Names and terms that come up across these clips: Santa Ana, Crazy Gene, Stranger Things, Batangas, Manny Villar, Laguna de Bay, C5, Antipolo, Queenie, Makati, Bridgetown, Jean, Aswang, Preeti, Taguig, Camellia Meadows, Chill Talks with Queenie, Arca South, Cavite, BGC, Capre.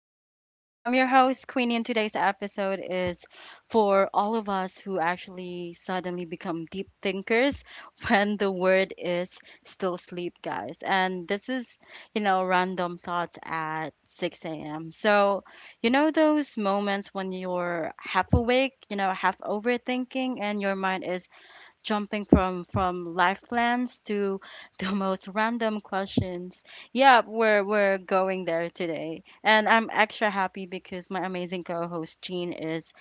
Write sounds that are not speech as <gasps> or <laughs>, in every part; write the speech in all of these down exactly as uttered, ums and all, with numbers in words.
Queenie. I'm your host, Queenie, and today's episode is for all of us who actually suddenly become deep thinkers <laughs> when the word is still sleep, guys. And this is, you know, random thoughts at six a m. So, you know, those moments when you're half awake, you know, half overthinking, and your mind is jumping from from life plans to <laughs> the most random questions. Yeah, we're we're going there today, and I'm extra happy because my amazing co-host Jean is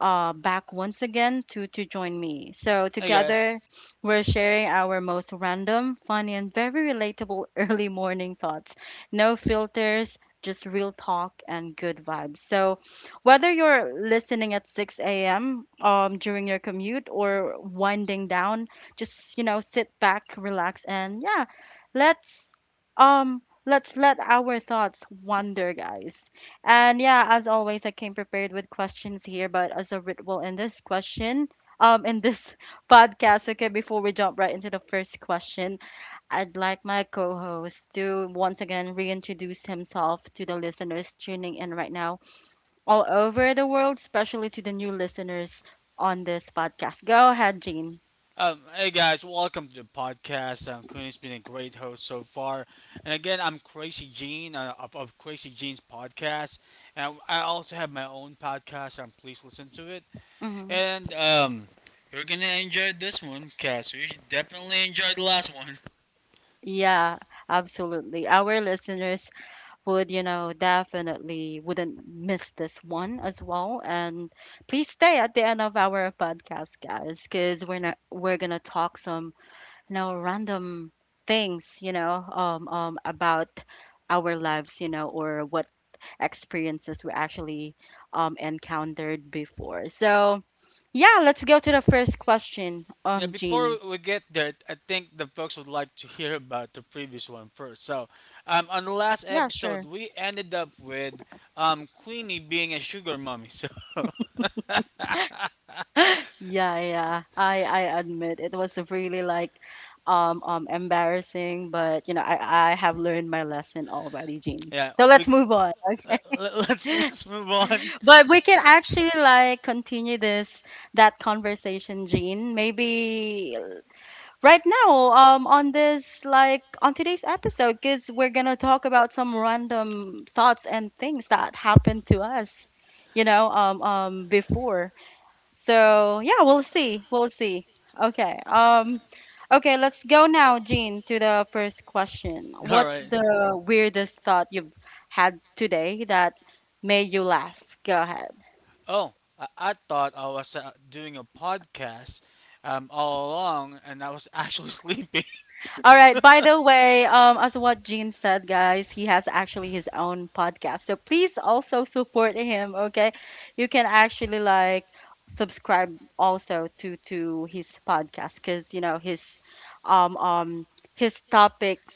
uh, back once again to to join me. So Hey guys. together, we're sharing our most random, funny, and very relatable <laughs> early morning thoughts. No filters, just real talk and good vibes. So whether you're listening at six a m um during your commute or winding down, just you know, sit back, relax, and yeah, let's um let's let our thoughts wander, guys. And yeah, as always, I came prepared with questions here, but as a ritual in this question, um, in this <laughs> podcast, okay, before we jump right into the first question, I'd like my co host to once again reintroduce himself to the listeners tuning in right now all over the world, especially to the new listeners on this podcast. Go ahead, Jean. Um, hey guys, welcome to the podcast. Um, Queenie's been a great host so far, and again, I'm Crazy Gene uh, of, of Crazy Gene's podcast, and I also have my own podcast. Um, please listen to it, Hmm. and um, you're gonna enjoy this one, cause we definitely enjoyed the last one. Yeah, absolutely. Our listeners would, you know, definitely wouldn't miss this one as well. And please stay at the end of our podcast, guys, because we're not, we're gonna talk some, you know, random things, you know, um, um, about our lives, you know, or what experiences we actually um, encountered before. So, yeah, let's go to the first question, Yeah, um, before Jean. we get there, I think the folks would like to hear about the previous one first. So, um, on the last Yeah, episode, sure. we ended up with um Queenie being a sugar mommy. <laughs> So <laughs> Yeah, yeah, I I admit it was really like um um embarrassing, but you know, I I have learned my lesson already, Jean. yeah, So let's we move on. Let, <laughs> let, us let's move on. But we can actually like continue this that conversation, Jean. Maybe right now um on this like on today's episode because we're gonna talk about some random thoughts and things that happened to us, you know um um before. So yeah, we'll see we'll see okay um okay let's go now, Jean, to the first question. <laughs> All What's right. the weirdest thought you've had today that made you laugh? Go ahead. Oh, I, I thought I was uh, doing a podcast um, all along, and I was actually <laughs> sleeping. All right. By the way, um, as what Gene said, guys, he has actually his own podcast. So please also support him. Okay, you can actually like subscribe also to to his podcast because you know his um um his topics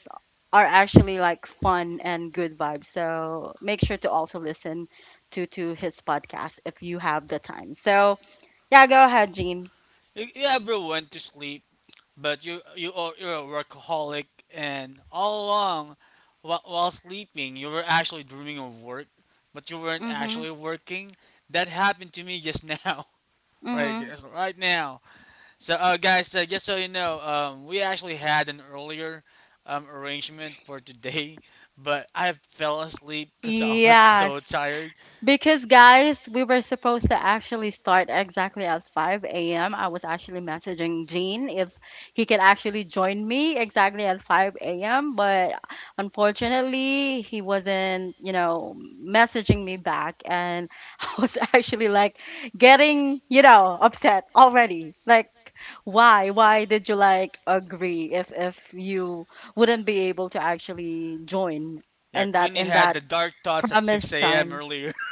are actually like fun and good vibes. So make sure to also listen to to his podcast if you have the time. So yeah, go ahead, Gene. you, you ever went to sleep, but you you are you're a workaholic, and all along, while, while sleeping, you were actually dreaming of work, but you weren't Mhm. actually working. That happened to me just now, <laughs> right? Mhm. Just right now. So, uh, guys, uh, just so you know, um, we actually had an earlier um, arrangement for today, <laughs> but I fell asleep because I was Yeah. so tired. Because guys, we were supposed to actually start exactly at five a m. I was actually messaging Gene if he could actually join me exactly at five a m. But unfortunately, he wasn't, you know, messaging me back, and <laughs> I was actually like getting, you know, upset already. Like, why? Why did you like agree if if you wouldn't be able to actually join Yeah, in that Queenie in had that the dark thoughts at promised six a m time? earlier. <laughs>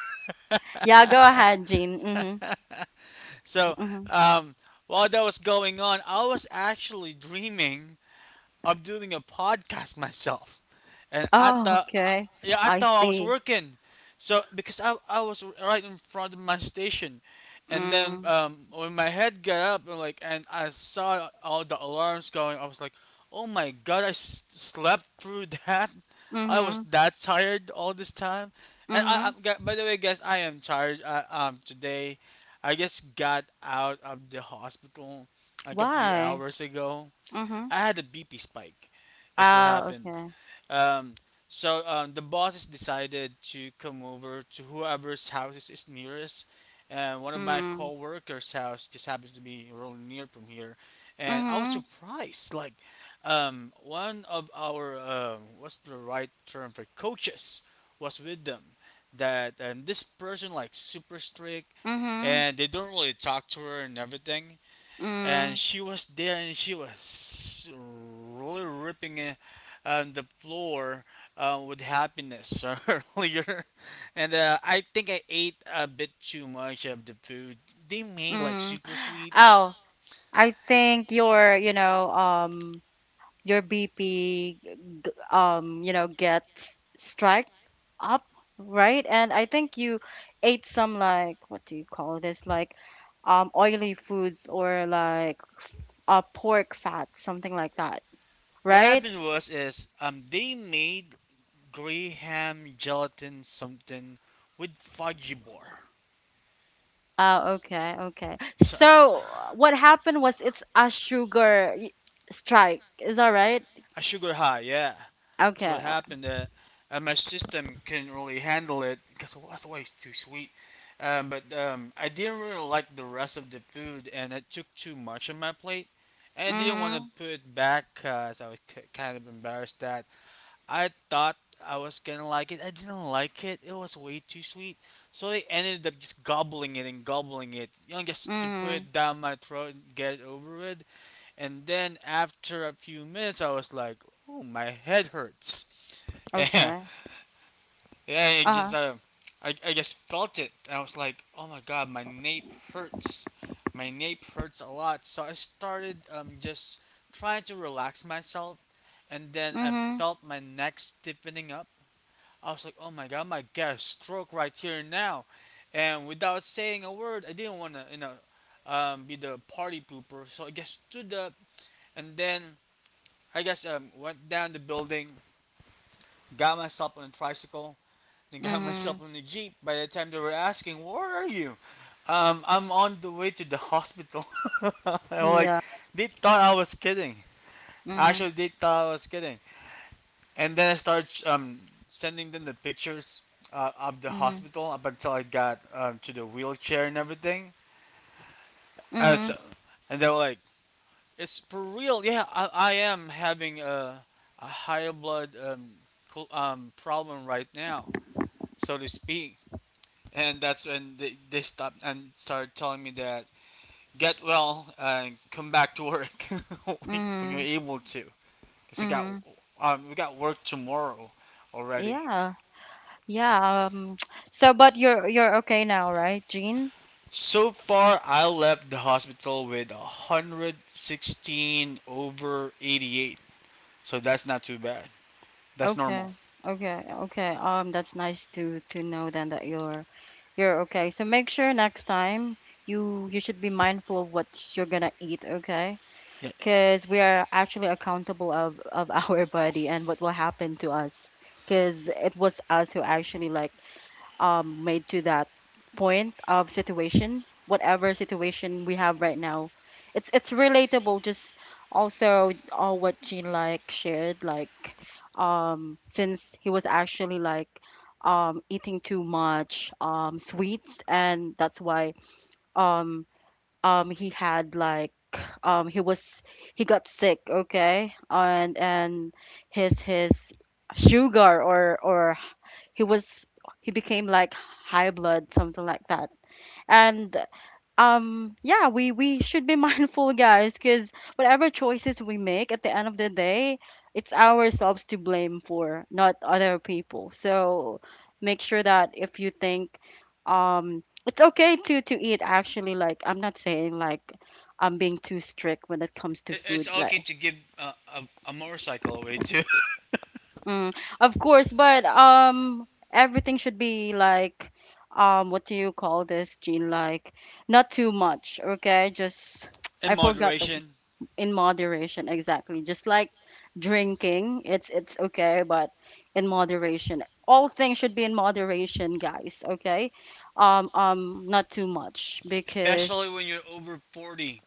Yeah, go ahead, Jean. Mm-hmm. So, Mm-hmm. um, while that was going on, I was actually dreaming I'm doing a podcast myself, and I Oh, thought, okay. yeah, I I thought I was see. working. So because I I was right in front of my station, and then Mm. um when my head got up and like and I saw all the alarms going, I was like, oh my god, I s- slept through <laughs> that. I was Mm-hmm. that tired all this time, and Mm-hmm. I, I by the way, guys, I am tired. I, um today, I just got out of the hospital like a few Why? hours ago. Mm-hmm. I had a B P spike. That's what Ah, happened. okay. Um, so um, the bosses decided to come over to whoever's house is nearest. And one of my Mm. coworkers' house just happens to be really near from here. And I was Mm-hmm. surprised. Like, um, one of our, um, what's the right term for coaches was with them. That and this person like super strict, Mm-hmm. and they don't really talk to her and everything, Mm. and she was there, and she was really ripping it on the floor uh, with happiness <laughs> earlier, and uh, I think I ate a bit too much of the food they made, like Mm. super sweets. Oh, I think your, you know, um, your B P, um, you know, gets strike up, right? And I think you ate some like, what do you call this? Like, um, oily foods or like uh, pork fat, something like that, What right? happened was is um they made graham gelatin something with fudgy bar, Uh, okay, okay. so a So what happened was it's a sugar y- strike. Is that right? a sugar high, yeah. So Okay. it happened that uh, my system couldn't really handle it, because that's why it's too sweet. Um, but um, I didn't really like the rest of the food, and it took too much on my plate. And I didn't want to Mhm. put it back because I was k kind of embarrassed that I thought I was gonna like it. I didn't like it. It was way too sweet. So they ended up just gobbling it and gobbling it, you know, just to put Mhm. it down my throat and get it over with. And then after a few minutes, I was like, "Ooh, my head hurts." Yeah, Okay. <laughs> yeah, I just Uh-huh. uh, I I just felt it, and I was like, oh my god, my nape hurts, my nape hurts a lot. So I started um just trying to relax myself, and then I Mhm. felt my neck stiffening up. I was like, oh my god, my got stroke right here and now, and without saying a word, I didn't want to you know um be the party pooper. So I just stood up, and then I guess um went down the building, got myself on a tricycle and got myself Mhm. on the jeep. By the time they were asking, "Where are you?" Um, I'm on the way to the hospital. <laughs> I'm like, Yeah. they thought I was kidding. Mhm. Actually, they thought I was kidding. And then I started um, sending them the pictures uh, of the Mhm. hospital up until I got um, to the wheelchair and everything. And, so, Mhm. and they were like, "It's for real? Yeah, I, I am having a a high blood um, col- um, problem right now, so to speak." And that's when they, they stopped and started telling me that get well and come back to work <laughs> when you're Mhm. able to, because we got Mhm. um, we got work tomorrow already. Yeah. Yeah. Um. <tsk> So, but you're you're okay now, right, Jean? So far I left the hospital with one hundred sixteen over eighty-eight, so that's not too bad, that's Okay. normal. Okay. Okay. Um, that's nice to to know then that you're you're okay. So make sure next time you you should be mindful of what you're gonna eat, okay? Yeah. Because we are actually accountable of of <laughs> our body and what will happen to us. Because it was us who actually like um, made to that point of situation, whatever situation we have right now. It's it's relatable. Just also uh, what Jean like shared, like um, since he was actually like um, eating too much um, sweets, and that's why um, um, he had like um, he was he got sick. Okay, and and his his sugar or or he was he became like high blood something like that. And um yeah, we we should be <laughs> mindful, guys, because whatever choices we make at the end of the day, it's ourselves to blame for not other people. So make sure that if you think um it's okay to to eat, actually, like, I'm not saying like I'm being too strict when it It- comes to it- it's food. okay Like, to give uh, a, a motorcycle away too. mm, of course, but um, everything should be like, um, what do you call this, Gene? Like, not too much, okay? Just, <laughs> In I forgot the moderation. in moderation, exactly. Just like drinking, it's it's okay, but in moderation. All things should be in moderation, guys, okay? Um, um, not too much because, Especially when you're over forty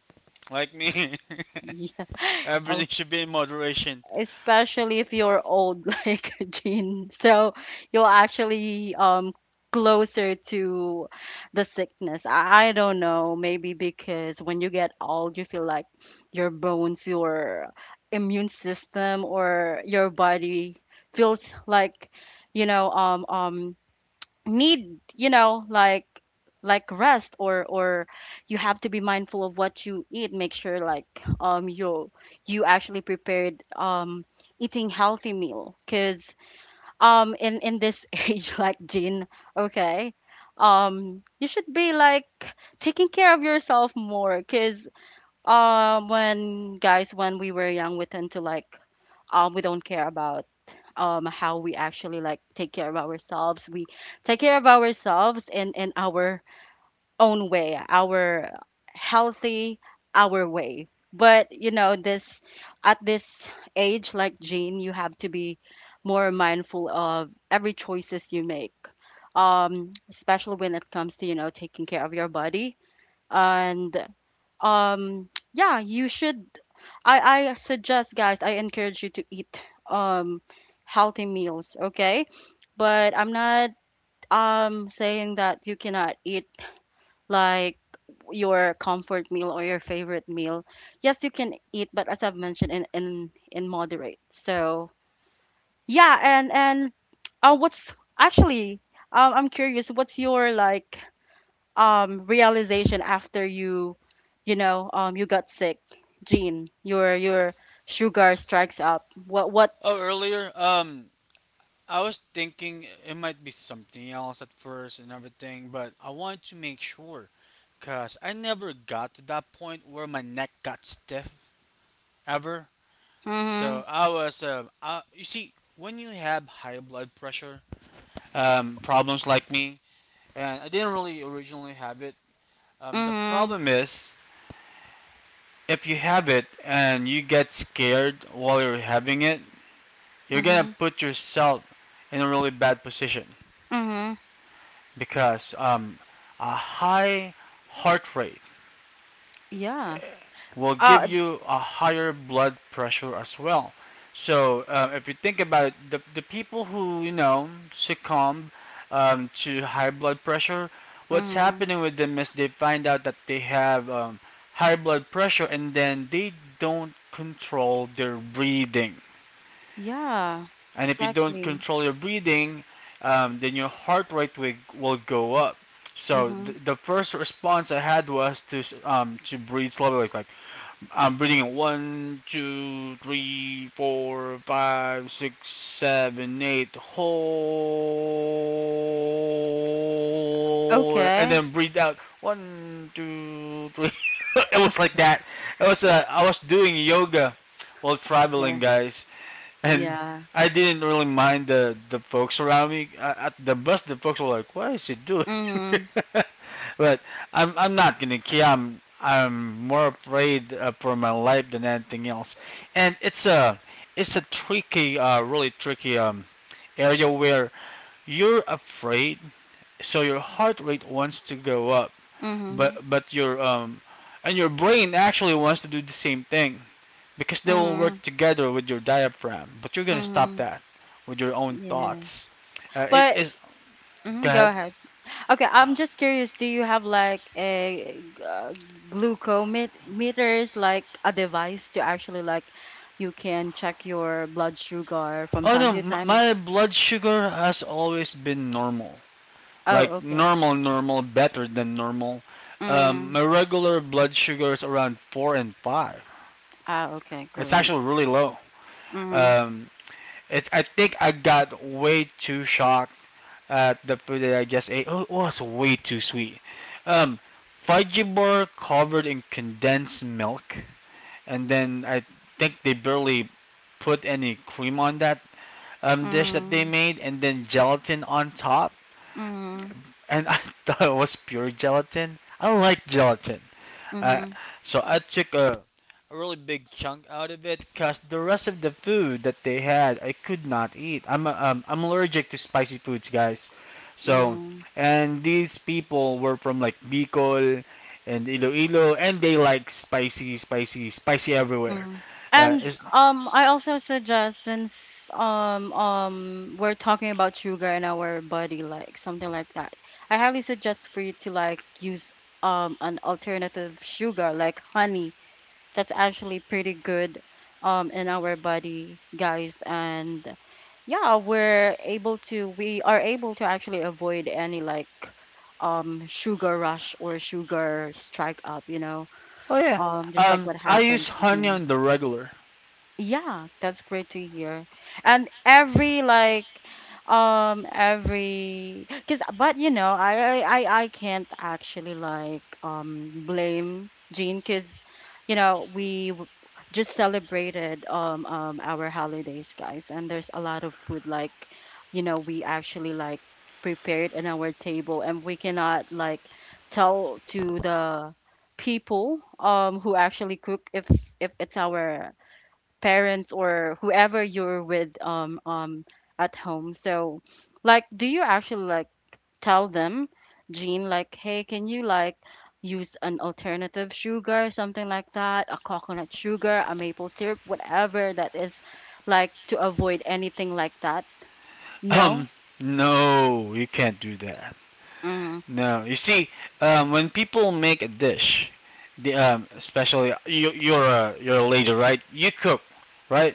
like me. <laughs> <laughs> yeah, Everything should be in moderation. especially if you're old <laughs> like Jean. So you're actually um closer to the sickness. I, I don't know, maybe because when you get old, you feel like your bones, your immune system, or your body feels like you know um um need, you know like like rest, or or you have to be mindful of what you eat. Make sure like um you you actually prepared um eating healthy meal, because um in in this <laughs> age like Jean, okay, um you should be like taking care of yourself more, because um when, guys, when we were young, we tend to like um we don't care about um how we actually like take care of ourselves. We take care of ourselves in in our own way, our healthy, our way. But you know this, at this age like Jean, you have to be more mindful of every choices you make, um especially when it comes to, you know taking care of your body. And um yeah, you should, I I suggest, guys, I encourage you to eat um healthy meals, okay? But I'm not um saying that you cannot eat like your comfort meal or your favorite meal. Yes, you can eat, but as I've mentioned, in in in moderate. So, yeah, and and uh what's actually um I'm curious, what's your like um realization after you, you know um you got sick, Gene? your your sugar strikes up, what what. Oh, earlier, um, I was thinking it might be something else at first and everything, but I wanted to make sure because I never got to that point where my neck got stiff ever. So Mhm. I was, um, I, you see, when you have high blood pressure um, problems like me, and I didn't really originally have it, um, the Mhm. problem is, if you have it and you get scared while you're having it, you're gonna Mhm. put yourself in a really bad position Mhm. because um, a high heart rate Yeah. will Uh. give you a higher blood pressure as well. So uh, if you think about it, the, the people who you know succumb um, to high blood pressure, what's Mhm. happening with them is they find out that they have um, high blood pressure, and then they don't control their breathing. Yeah. And if you don't Exactly. control your breathing, um, then your heart rate will, will go up. So Mhm. th- the first response I had was to um, to breathe slowly, like I'm reading it. One, two, three, four, five, six, seven, eight. Hold, and Okay. then breathe out. One, two, three. <laughs> It was like that. It was. Uh, I was doing yoga while Yeah. traveling, guys, and Yeah. I didn't really mind the the folks around me. Uh, At the bus, the folks were like, "What is he doing?" Mhm. But I'm I'm not gonna care. I'm I'm more afraid uh, for my life than anything else. And it's a it's a tricky, uh, really tricky um, area where you're afraid, so your heart rate wants to go up, Mhm. but but your um and your brain actually wants to do the same thing because they will Mhm. work together with your diaphragm. But you're gonna stop Mhm. that with your own Yeah. thoughts. Uh, it But is mhm, go go ahead. ahead. Okay, I'm just curious. Do you have like a g- uh, glucometers, like a device to actually like you can check your blood sugar from Oh no, time to m- time? my blood sugar has always been normal. Oh, Like okay. normal, normal, better than normal. Um, Mm. my regular blood sugar is around four and five. Ah, okay, It's correct. actually really low. Mm-hmm. Um, it, I think I got way too shocked at the food that I just ate. Oh, it was way too sweet. Um, fudgy bar covered in condensed milk, and then I think they barely put any cream on that um, dish that they Mm-hmm. made, and then gelatin on top. Mm-hmm. And I <laughs> thought it was pure gelatin. I don't like gelatin. I Mm-hmm. So I took a, a really big chunk out of it because the rest of the food that they had I could not eat. I'm um, I'm allergic to spicy foods, guys. So, Mm-hmm. and these people were from like Bicol and Iloilo, and they like spicy, spicy, spicy everywhere. Mm. Uh, And it's, um, I also suggest, since um um we're talking about sugar in our body, like something like that, I highly suggest for you to like use um an alternative sugar like honey. That's actually pretty good um in our body, guys. And yeah, we're able to we are able to actually avoid any like um sugar rush or sugar strike up, you know. oh yeah. Um, just Um, like what I use happened to honey Jean. on the regular. Yeah, that's great to hear. And every like um every cuz, but you know, I I I I can't actually like um blame Jean, cuz you know, we w- just celebrated um um our holidays, guys, and there's a lot of food, like, you know, we actually like prepared in our table. And we cannot like tell to the people um who actually cook, if if it's our parents or whoever you're with um um at home. So like, do you actually like tell them, Jean, like, hey, can you like use an alternative sugar, something like that, a coconut sugar, a maple syrup, whatever that is, like, to avoid anything like that? Um, No? no, you can't do that. Mm. No, you see, um, when people make a dish, the, um, especially you, you're a you're a lady, right? You cook, right?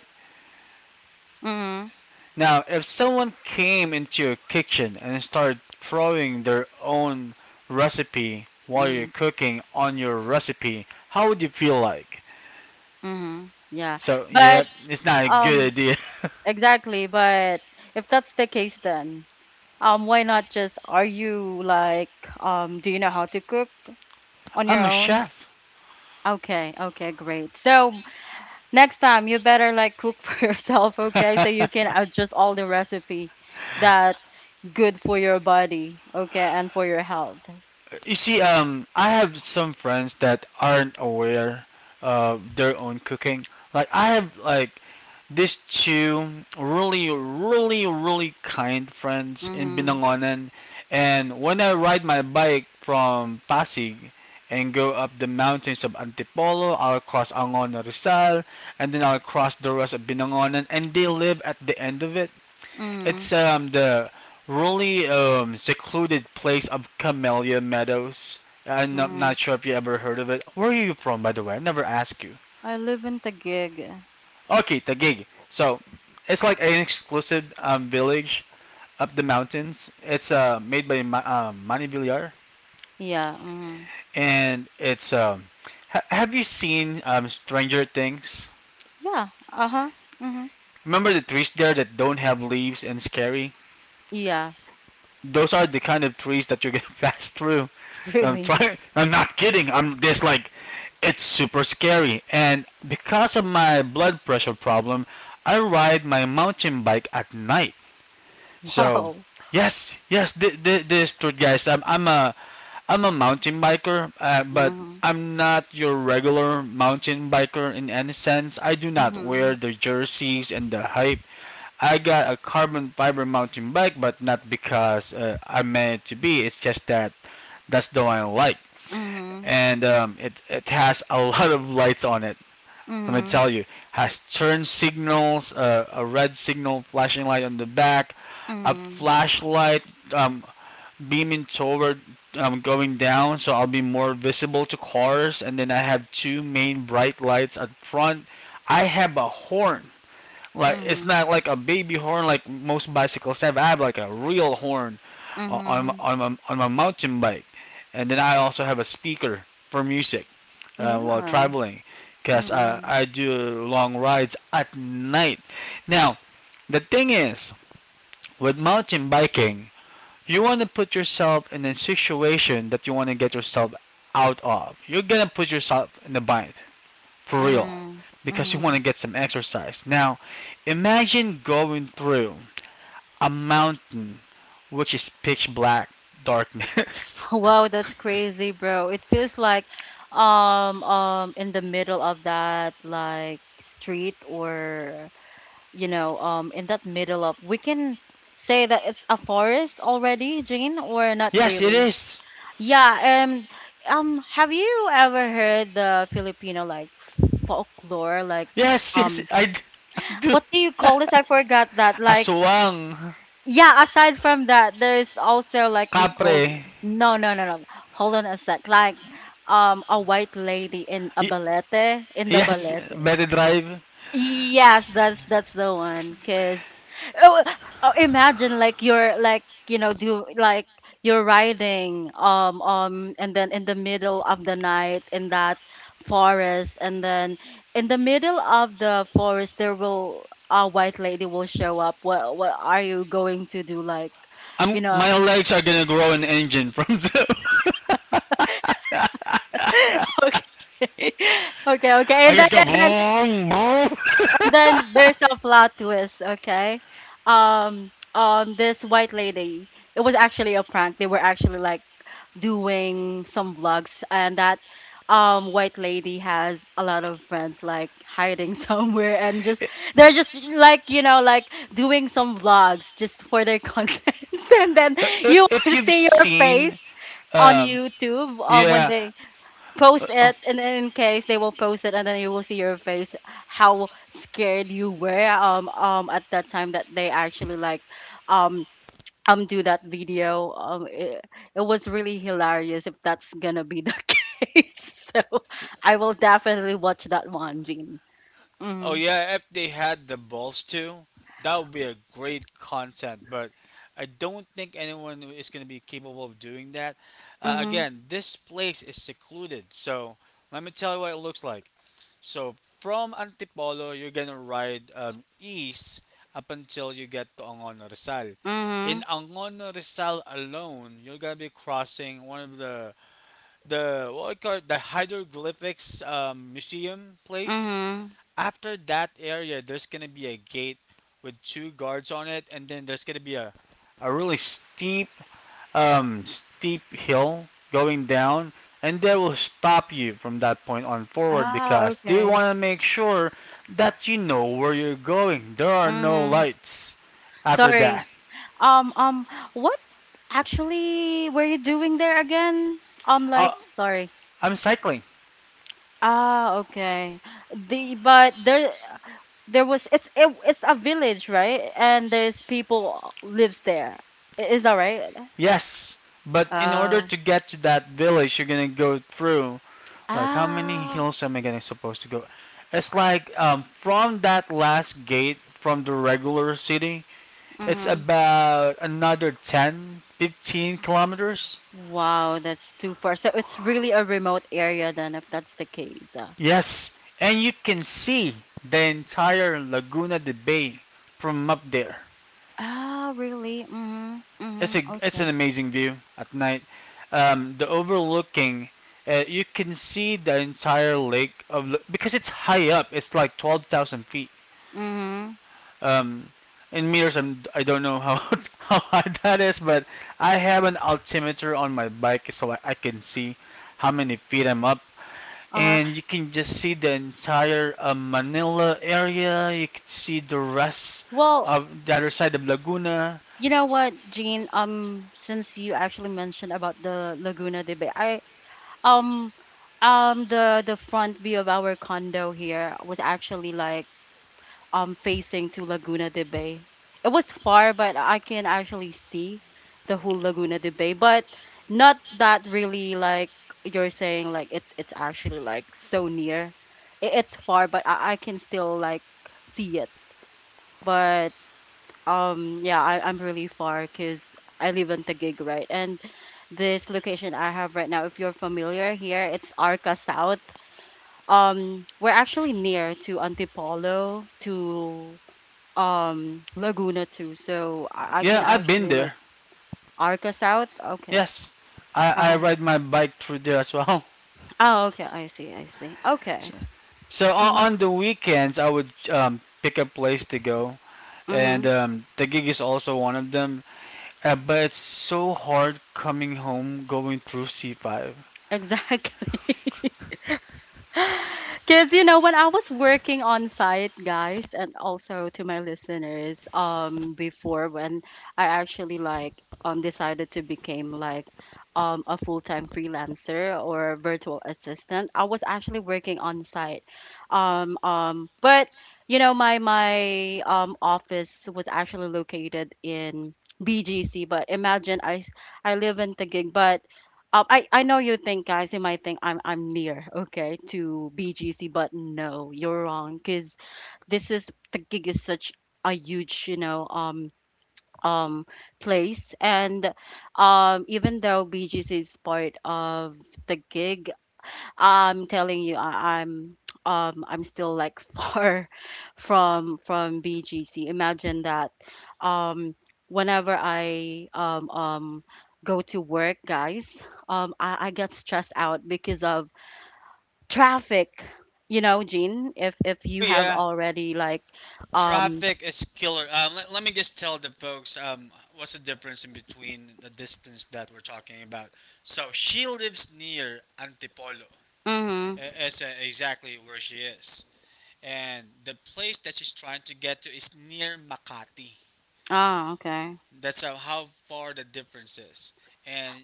Mm. Now, if someone came into your kitchen and started throwing their own recipe while you're Mm. cooking on your recipe, how would you feel like? Mm. Yeah. So, yeah, But it's not a good um idea. exactly, but if that's the case, then, Um, why not just, are you like, um, do you know how to cook <laughs> on your I'm a own? chef. Okay, okay, great. So next time you better like cook for <laughs> yourself, okay? So you can adjust all the recipe that good for your body, okay, and for your health. You see, um, I have some friends that aren't aware of their own cooking. Like I have like these two really, really, really kind friends in Mm-hmm. Binangonan, and when I ride my bike from Pasig and go up the mountains of Antipolo, I'll cross Angono Rizal, and then I'll cross the rest of Binangonan, and they live at the end of it. Mm-hmm. It's um the really um secluded place of Camellia Meadows. I'm not, Mm-hmm. not sure if you ever heard of it. Where are you from, by the way? I never asked you. I live in Taguig. Okay, Taguig. So it's like an exclusive um, village up the mountains. It's uh, made by Ma- um, Manny Villar, Yeah. Mm-hmm. and it's um, ha- have you seen um, Stranger Things? Yeah. Uh-huh. Mm-hmm. Remember the trees there that don't have leaves and scary? Yeah. Those are the kind of trees that you're gonna <laughs> pass through. <laughs> I'm Really. trying. I'm not kidding. I'm just like, it's super scary. And because of my blood pressure problem, I ride my mountain bike at night. So, Wow. yes, yes, th- th- this truth, guys. I'm I'm a I'm a mountain biker, uh, but Mm-hmm. I'm not your regular mountain biker in any sense. I do not wear Mm-hmm. the jerseys and the hype. I got a carbon fiber mountain bike, but not because uh, I'm meant it to be. It's just that that's the one I like, Mm-hmm. and um, it it has a <laughs> lot of lights on it. Let me Mm-hmm. tell you, has turn signals, uh, a red signal flashing light on the back, a Mm-hmm. flashlight um, beaming toward um, going down, so I'll be more visible to cars, and then I have two main bright lights at front. I have a horn, like it's Mm-hmm. not like a baby horn like most bicycles have. I have like a real horn on on Mhm. on my, on my mountain bike, and then I also have a speaker for music uh, while Yeah. traveling because I, Mm-mm. I do long rides at night. Now, the thing is, with mountain biking, you want to put yourself in a situation that you want to get yourself out of. You're going to put yourself in a bind, for real, Mm. because you want to Mhm. get some exercise. Now, imagine going through a mountain which is pitch black darkness. <laughs> Wow, that's crazy, bro. It feels like um um in the middle of that like street, or, you know, um in that middle of, we can say that it's a forest already, Jane, or <laughs> not Yes, it really. is. Yeah, um um have you ever heard the Filipino like folklore like Yes, yes, um I, I do. what do you call it? I forgot that like. Aswang. Yeah, aside from that, there's also like we call Capre. no, no, no, no, no. Hold on a sec. Like um a white lady in a Y- balete, in the yes, balete. better drive. Yes, that's that's the one. Cause oh, oh, imagine like you're like you know do like you're riding um um and then in the middle of the night in that forest and then in the middle of the forest there will a white lady will show up. What what are you going to do? Like I'm, you my know. legs are gonna grow an engine from the. <laughs> <laughs> Okay. <laughs> Okay, okay. I And then, just go and then boom, boom. and then there's a plot twist, okay? Um, um, this white lady, it was actually a prank. They were actually like doing some vlogs, and that um white lady has a lot of friends like hiding <laughs> somewhere and just they're just like you know like doing some vlogs just for their <laughs> content, and then If, you want if to you've see your face seen, on um, YouTube um when yeah. they post it, and then in case they will post it and then you will see your face how scared you were um um at that time that they actually like um um do that video. Um it, it was really hilarious if that's gonna be the <laughs> case, so I will definitely watch that one, Jean. Oh Mhm. yeah, if they had the balls to, that would be a great content. But I don't think anyone is going to be capable of doing that. Uh, mhm. Again, this place is secluded, so let me tell you what it looks like. So from Antipolo, you're gonna ride um, east up until you get to Angono Rizal. In Mhm. Angono Rizal alone, you're gonna be crossing one of the the what I call it, the hieroglyphics um, museum place. Mhm. After that area, there's gonna be a gate with two guards on it, and then there's gonna be a a really steep um, steep hill going down, and they will stop you from that point on forward Ah, because they want okay. to make sure that you know where you're going. There are no Mhm. lights after Sorry, that. um um what actually were you doing there again, um Uh, like, sorry. I'm cycling, Ah, okay. The but there there was it's it, it's a village, right? And there's people lives there. I- Is that right? yes, but in order Oh. to get to that village, you're gonna go through like how many Ah. hills am I gonna supposed to go? It's like um, from that last gate from the regular city, it's Mm-hmm. about another ten, fifteen kilometers. Wow, that's too far. So it's really a remote area then, if that's the case. Uh, Yes, and you can see the entire Laguna de Bay from up there. Ah, really? Mm-hmm. It's Mm-hmm. a it's Okay. an amazing view at night. Um, the overlooking, uh, you can see the entire lake of La- because it's high up. It's like twelve thousand feet. Mm-hmm. um, in meters, I'm, I don't know how <laughs> how high that is, but I have an altimeter on my bike so I, I can see how many feet I'm up. Uh, And you can just see the entire uh, Manila area. You can see the rest well, of the other side of Laguna. you know what, Jean? Um, since you actually mentioned about the Laguna de Bay, I um um the the front view of our condo here was actually like um facing to Laguna de Bay. It was far, but I can actually see the whole Laguna de Bay, but not that really like you're saying like it's it's actually like so near. It, it's far, but I, I can still like see it. But um yeah I, I'm really far because I live in Taguig, right, and this location I have right now, if you're familiar here, it's Arca South. Um we're actually near to Antipolo, to um Laguna too, so i, I can Yeah, I've been actually like there. Arca South, okay. Yes, I, I Uh-huh. ride my bike through there as well. <laughs> Oh okay, I see, I see, okay. So so on, Mm-hmm, on the weekends, I would um, pick a place to go, mm-hmm. and um, the gig is also one of them. Uh, but it's so hard coming home going through C five. <laughs> Exactly. <laughs> Because you know, when I was working on site, guys, and also to my listeners, um, before when I actually like um decided to become like um a full-time freelancer or virtual assistant, I was actually working on site. Um, um, but you know, my my um office was actually located in B G C, but imagine I s- I live in Taguig, but um, I I know you think, guys, you might think I'm I'm near, okay, to B G C, but no, you're wrong, because this is the gig is such a huge, you know, um um place, and um even though B G C is part of the gig, I'm telling you, I, I'm <tsk> um I'm still like <laughs> far from from B G C. Imagine that um whenever I um um go to work, guys, um I, I get stressed out because of traffic. You know, Jean, if if Oh you have yeah, already like um traffic is killer. Uh, let, let me just tell the folks um, what's the difference in between the distance that we're talking about. So she lives near Antipolo. Uh, mm-hmm. It's uh, exactly where she is, and the place that she's trying to get to is near Makati. Oh, okay. That's how, how far the difference is. And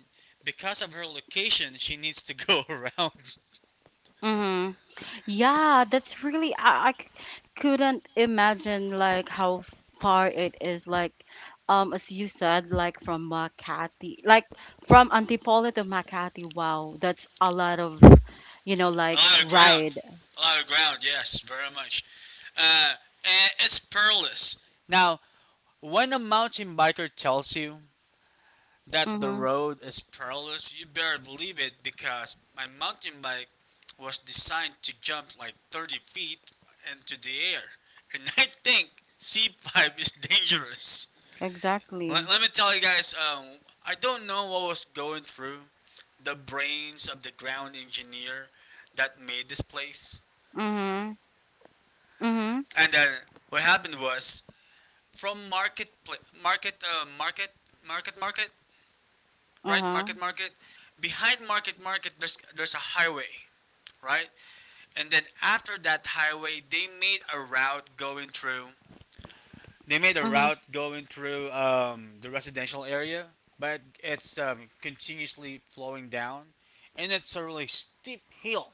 because of her location, she needs to go <laughs> around. Mm-hmm. Yeah, that's really I, I c- couldn't imagine like how far it is, like um as you said, like from Makati, like from Antipolo to Makati. Wow, that's a lot of, you know, like A lot of ground. ride. A lot of ground, yes, very much. Uh, and it's perilous. Now, when a mountain biker tells you that the Mhm. road is perilous, you better believe it because my mountain bike was designed to jump like thirty feet into the air. And I think C five is dangerous. Let, Exactly. let me tell you guys, um, I don't know what was going through the brains of the ground engineer that made this place. Mhm. Mhm. And then what happened was from market, pla- market, uh, market, market, market, right? Uh-huh. Market. Behind market, market, there's there's a highway, right? And then after that highway, they made a route going through they made a Mhm. route going through um, the residential area, but it's um, continuously flowing down, and it's a really steep hill,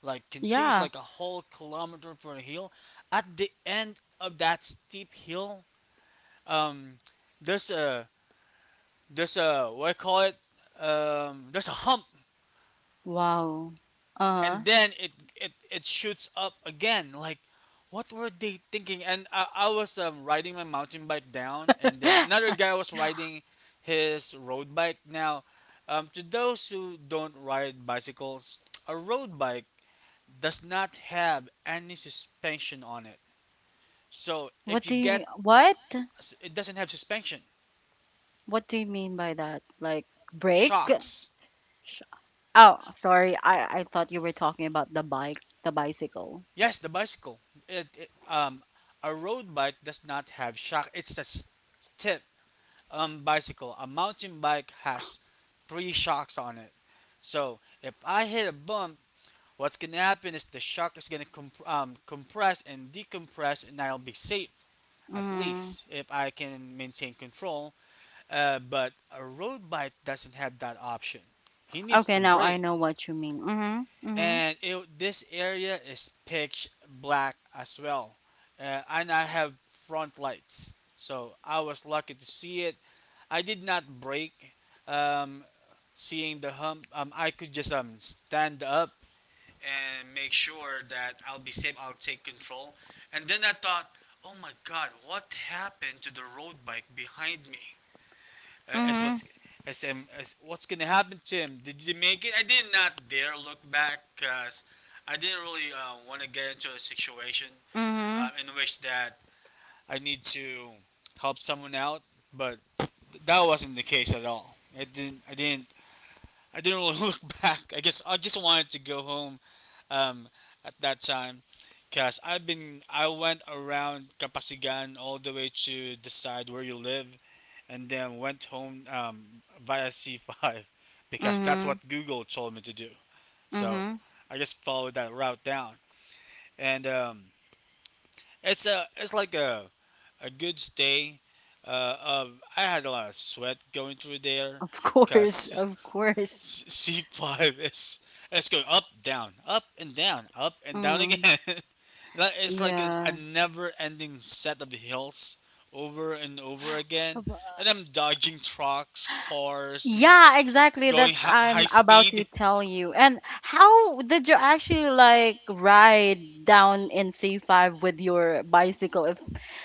like continues Yeah. like a whole kilometer for a hill. At the end of that steep hill, um, there's a there's a what I call it? Um, there's a hump Wow. Uh-huh. and then it it it shoots up again. Like, what were they thinking? And I, I was um, riding my mountain bike down, and then another guy <laughs> was riding his road bike. Now, um, to those who don't ride bicycles, a road bike does not have any suspension on it. So if What you do get, you what? it doesn't have suspension, What do you mean by that? Like break? shocks. Oh, sorry. I I thought you were talking about the bike, the bicycle. Yes, the bicycle. It, it um, A road bike does not have shock. It's a s- tip um, bicycle, a mountain bike has three shocks on it. So if I hit a bump, what's gonna happen is the shock is gonna comp- um, compress and decompress, and I'll be safe at Mm. least if I can maintain control. Uh, but a road bike doesn't have that option. He needs to Okay, now brake I know what you mean. Mhm. Mhm. and it, this area is pitch black as well uh, and I have front lights so I was lucky to see it. I did not break. um, Seeing the hump um, I could just um, stand up and make sure that I'll be safe. I'll take control, and then I thought, oh my god, what happened to the road bike behind me? uh, as Mhm. what's as, um, as what's gonna happen to him? Did you make it? I did not dare look back because I didn't really uh, want to get into a situation um, Mhm. in which that I need to help someone out, but th- that wasn't the case at all. I didn't. I didn't. I didn't really <laughs> look back. I guess I just wanted to go home um, at that time because I've been. I went around Kapasigan all the way to the side where you live and then went home um, via C five <laughs> because that's what Mhm. Google told me to do. So Mhm. I just followed that route down, and um, it's a it's like a a good stay. Uh, of I had a lot of sweat going through there Of <laughs> course, because of <laughs> course. C five is it's going up down up and down up and down Mm. again. <laughs> Like, it's like a, a Yeah. never-ending set of hills over and over again, and I'm dodging trucks, cars, Yeah, exactly. going That's hi- high I'm about speed. to tell you. And how did you actually like ride down in C five with your bicycle, if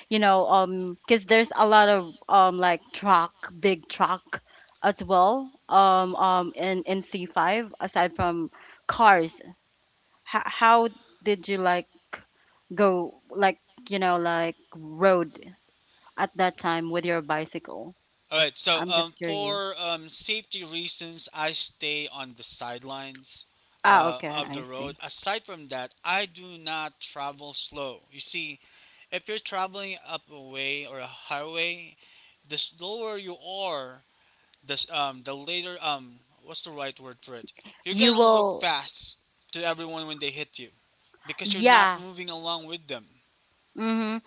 you know, um cuz there's a lot of um like truck, big truck as well um um in in C five aside from cars. H- how did you like go like you know like road at that time with your bicycle? All right, so I'm just um, curious. for um, safety reasons, I stay on the sidelines Ah, uh, okay, of the I road. see. Aside from that, I do not travel slow. You see, if you're traveling up a way or a highway, the slower you are, the s- um, the later um, what's the right word for it? you're You gonna look will fast to everyone when they hit you because you're not yeah moving along with them. mm-hmm.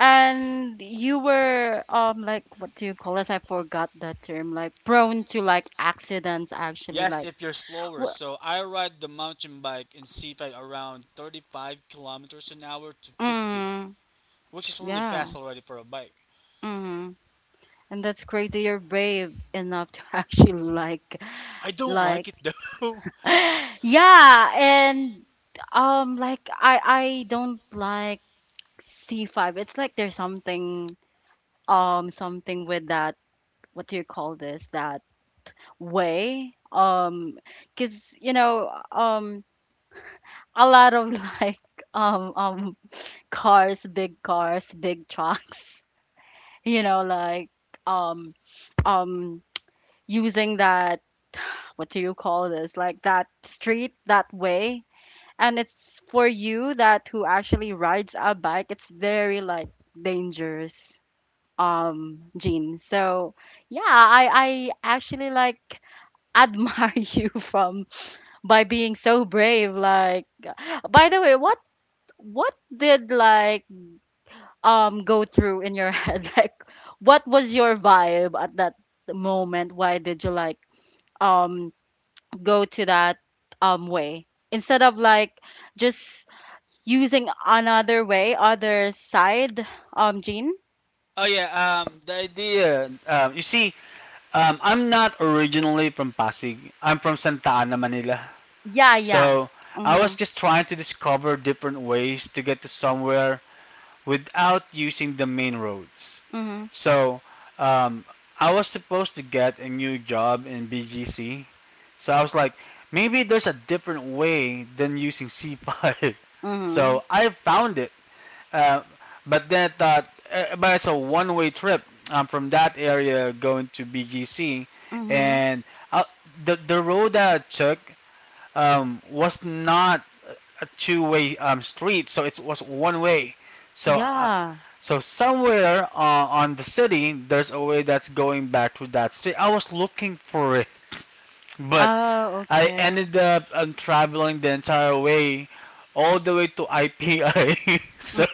And you were um like what do you call this, I forgot that term, like prone to like accidents actually Yes, like if you're slower. wh- So I ride the mountain bike in C F A T around thirty-five kilometers an hour to fifty, mm, which is really yeah fast already for a bike. mm-hmm. And that's crazy, you're brave enough to <laughs> actually like I don't like like it though. <gasps> <laughs> <laughs> yeah, and um like i i don't like C five, it's like there's something um something with that, what do you call this, that way, um because you know um a lot of <laughs> like um um cars, big cars, big trucks <laughs> you know like um um using that, what do you call this, like that street, that way, and it's for you that who actually rides a bike, it's very like dangerous, um Gene, so yeah i I actually like admire <laughs> you from by being so brave, like by the way, what what did like um go through in your <laughs> head, like what was your vibe at that moment, why did you like um go to that um way instead of like just using another way, other side, um Gene. Oh yeah, um, the idea. Um, you see, um, I'm not originally from Pasig. I'm from Santa Ana, Manila. Yeah, yeah. So I was Mhm. just trying to discover different ways to get to somewhere without using the main roads. Mhm. So um, I was supposed to get a new job in B G C. So I was like, maybe there's a different way than using C five. <laughs> Mhm. So I found it. Uh, but then I thought, uh, but it's a one way trip um, from that area going to B G C. Mhm. And uh, the, the road that I took um, was not a two-way um, street, so it was one way. So, uh, Yeah. so somewhere uh, on the city, there's a way that's going back to that street. I was looking for it, <laughs> but Oh, I okay. ended up um, traveling the entire way, all the way to I P I. <laughs> So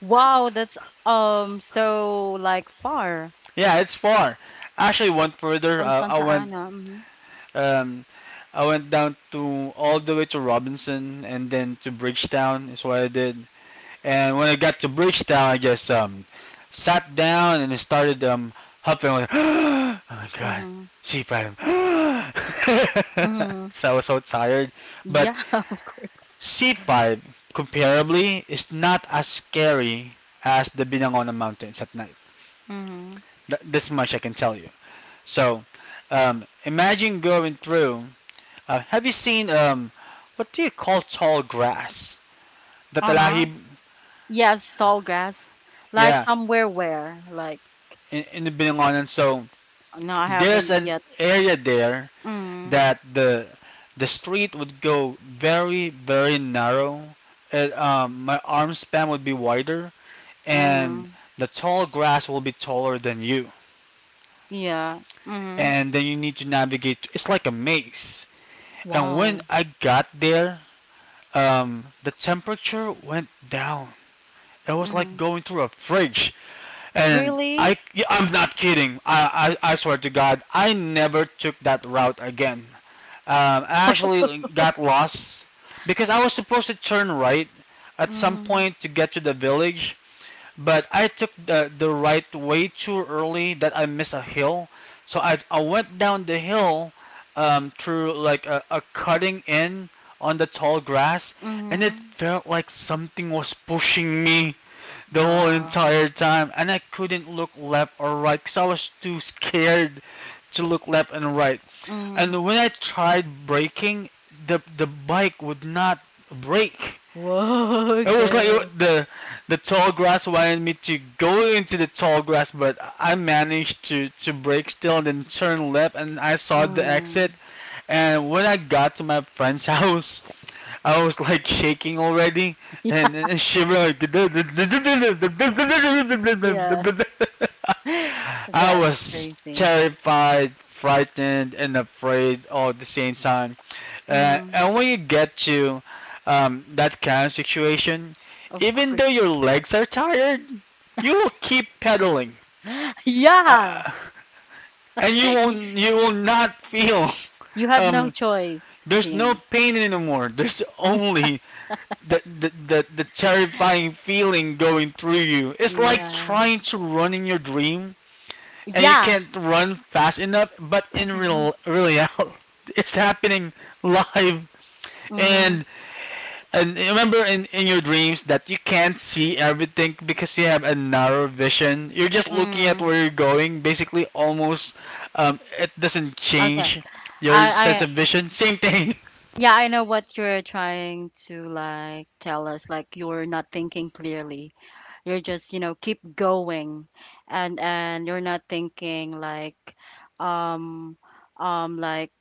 Wow, that's um so like far yeah, it's far. I actually went further. from Uh, I Santa went, Ana. Mhm. um, I went down to all the way to Robinson and then to Bridgetown is what I did. And when I got to Bridgetown, I just um, sat down and it started um, huffing. I went, <gasps> oh my god, Mhm. C five. <gasps> <laughs> Mhm. So I was so tired. But Yeah. <laughs> C five, comparably, is not as scary as the Binangonan Mountains at night. Mhm. Th- this much I can tell you. So um, imagine going through. Uh, have you seen um, what do you call tall grass? The Uh-huh. talahib, Yes, tall grass. Like yeah, somewhere where like in, in the Binangonan. So no, I there's haven't an yet. area there Mhm. that the the street would go very very narrow. It, um, my arm span would be wider, and Mhm. the tall grass will be taller than you. Yeah. Mhm. And then you need to navigate. It's like a maze. And when Wow. I got there, um, the temperature went down. It was like Mhm. going through a fridge, and Really? I I'm not kidding. I I, I swear to God, I never took that route again. Um, I <laughs> actually got lost because I was supposed to turn right at some Mhm. point to get to the village, but I took the the right way too early that I missed a hill. So I I went down the hill um, through like a, a cutting in on the tall grass, and it Mhm. felt like something was pushing me the whole Wow. entire time, and I couldn't look left or right because I was too scared to look left and right. Mhm. And when I tried braking, the the bike would not brake. Whoa, <laughs> It was like okay. what the the tall grass wanted me to go into the tall grass, but I managed to to brake still and then turn left, and I saw the exit. Mhm. And when I got to my friend's <laughs> house, I was like shaking already and, <laughs> and shivering. Yeah. Like, <laughs> <laughs> I That's was crazy. terrified, frightened, and afraid all at the same time. Uh, Mm, And when you get to um, that kind of situation, of even though course. your legs are tired, you will keep pedaling, <laughs> Yeah. and you Y- won't. You will not feel. <laughs> You had no Um, choice, there's no Jim. pain anymore. There's Mm, only the, the, the, the terrifying feeling going through you. It's like yeah. trying to run in your dream and you Yeah. can't run fast enough. But in Mhm. real, really out, <laughs> it's happening live. Mhm. And and remember in, in your dreams that you can't see everything because you have a narrow vision. You're just looking at Mm. where you're going. Basically, almost um, it doesn't Okay. change I your sense I of vision. Same thing. <laughs> yeah, I know what you're trying to like tell us, like you're not thinking clearly. You're just, you know, keep going, and and you're not thinking like um um like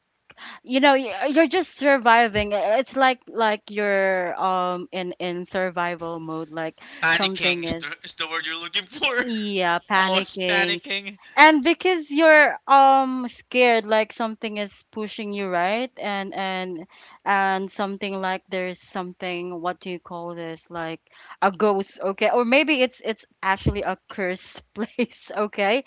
you know y- uh, you're just surviving, it's like like you're um in in survival mode, like Panicking something is is the, is the word you're looking for. yeah <laughs> I was panicking, panicking. and because you're um scared, like something is pushing you, right, and and and something, like there's something, what do you call this, like a ghost, okay, or maybe it's it's actually a cursed <laughs> place, okay,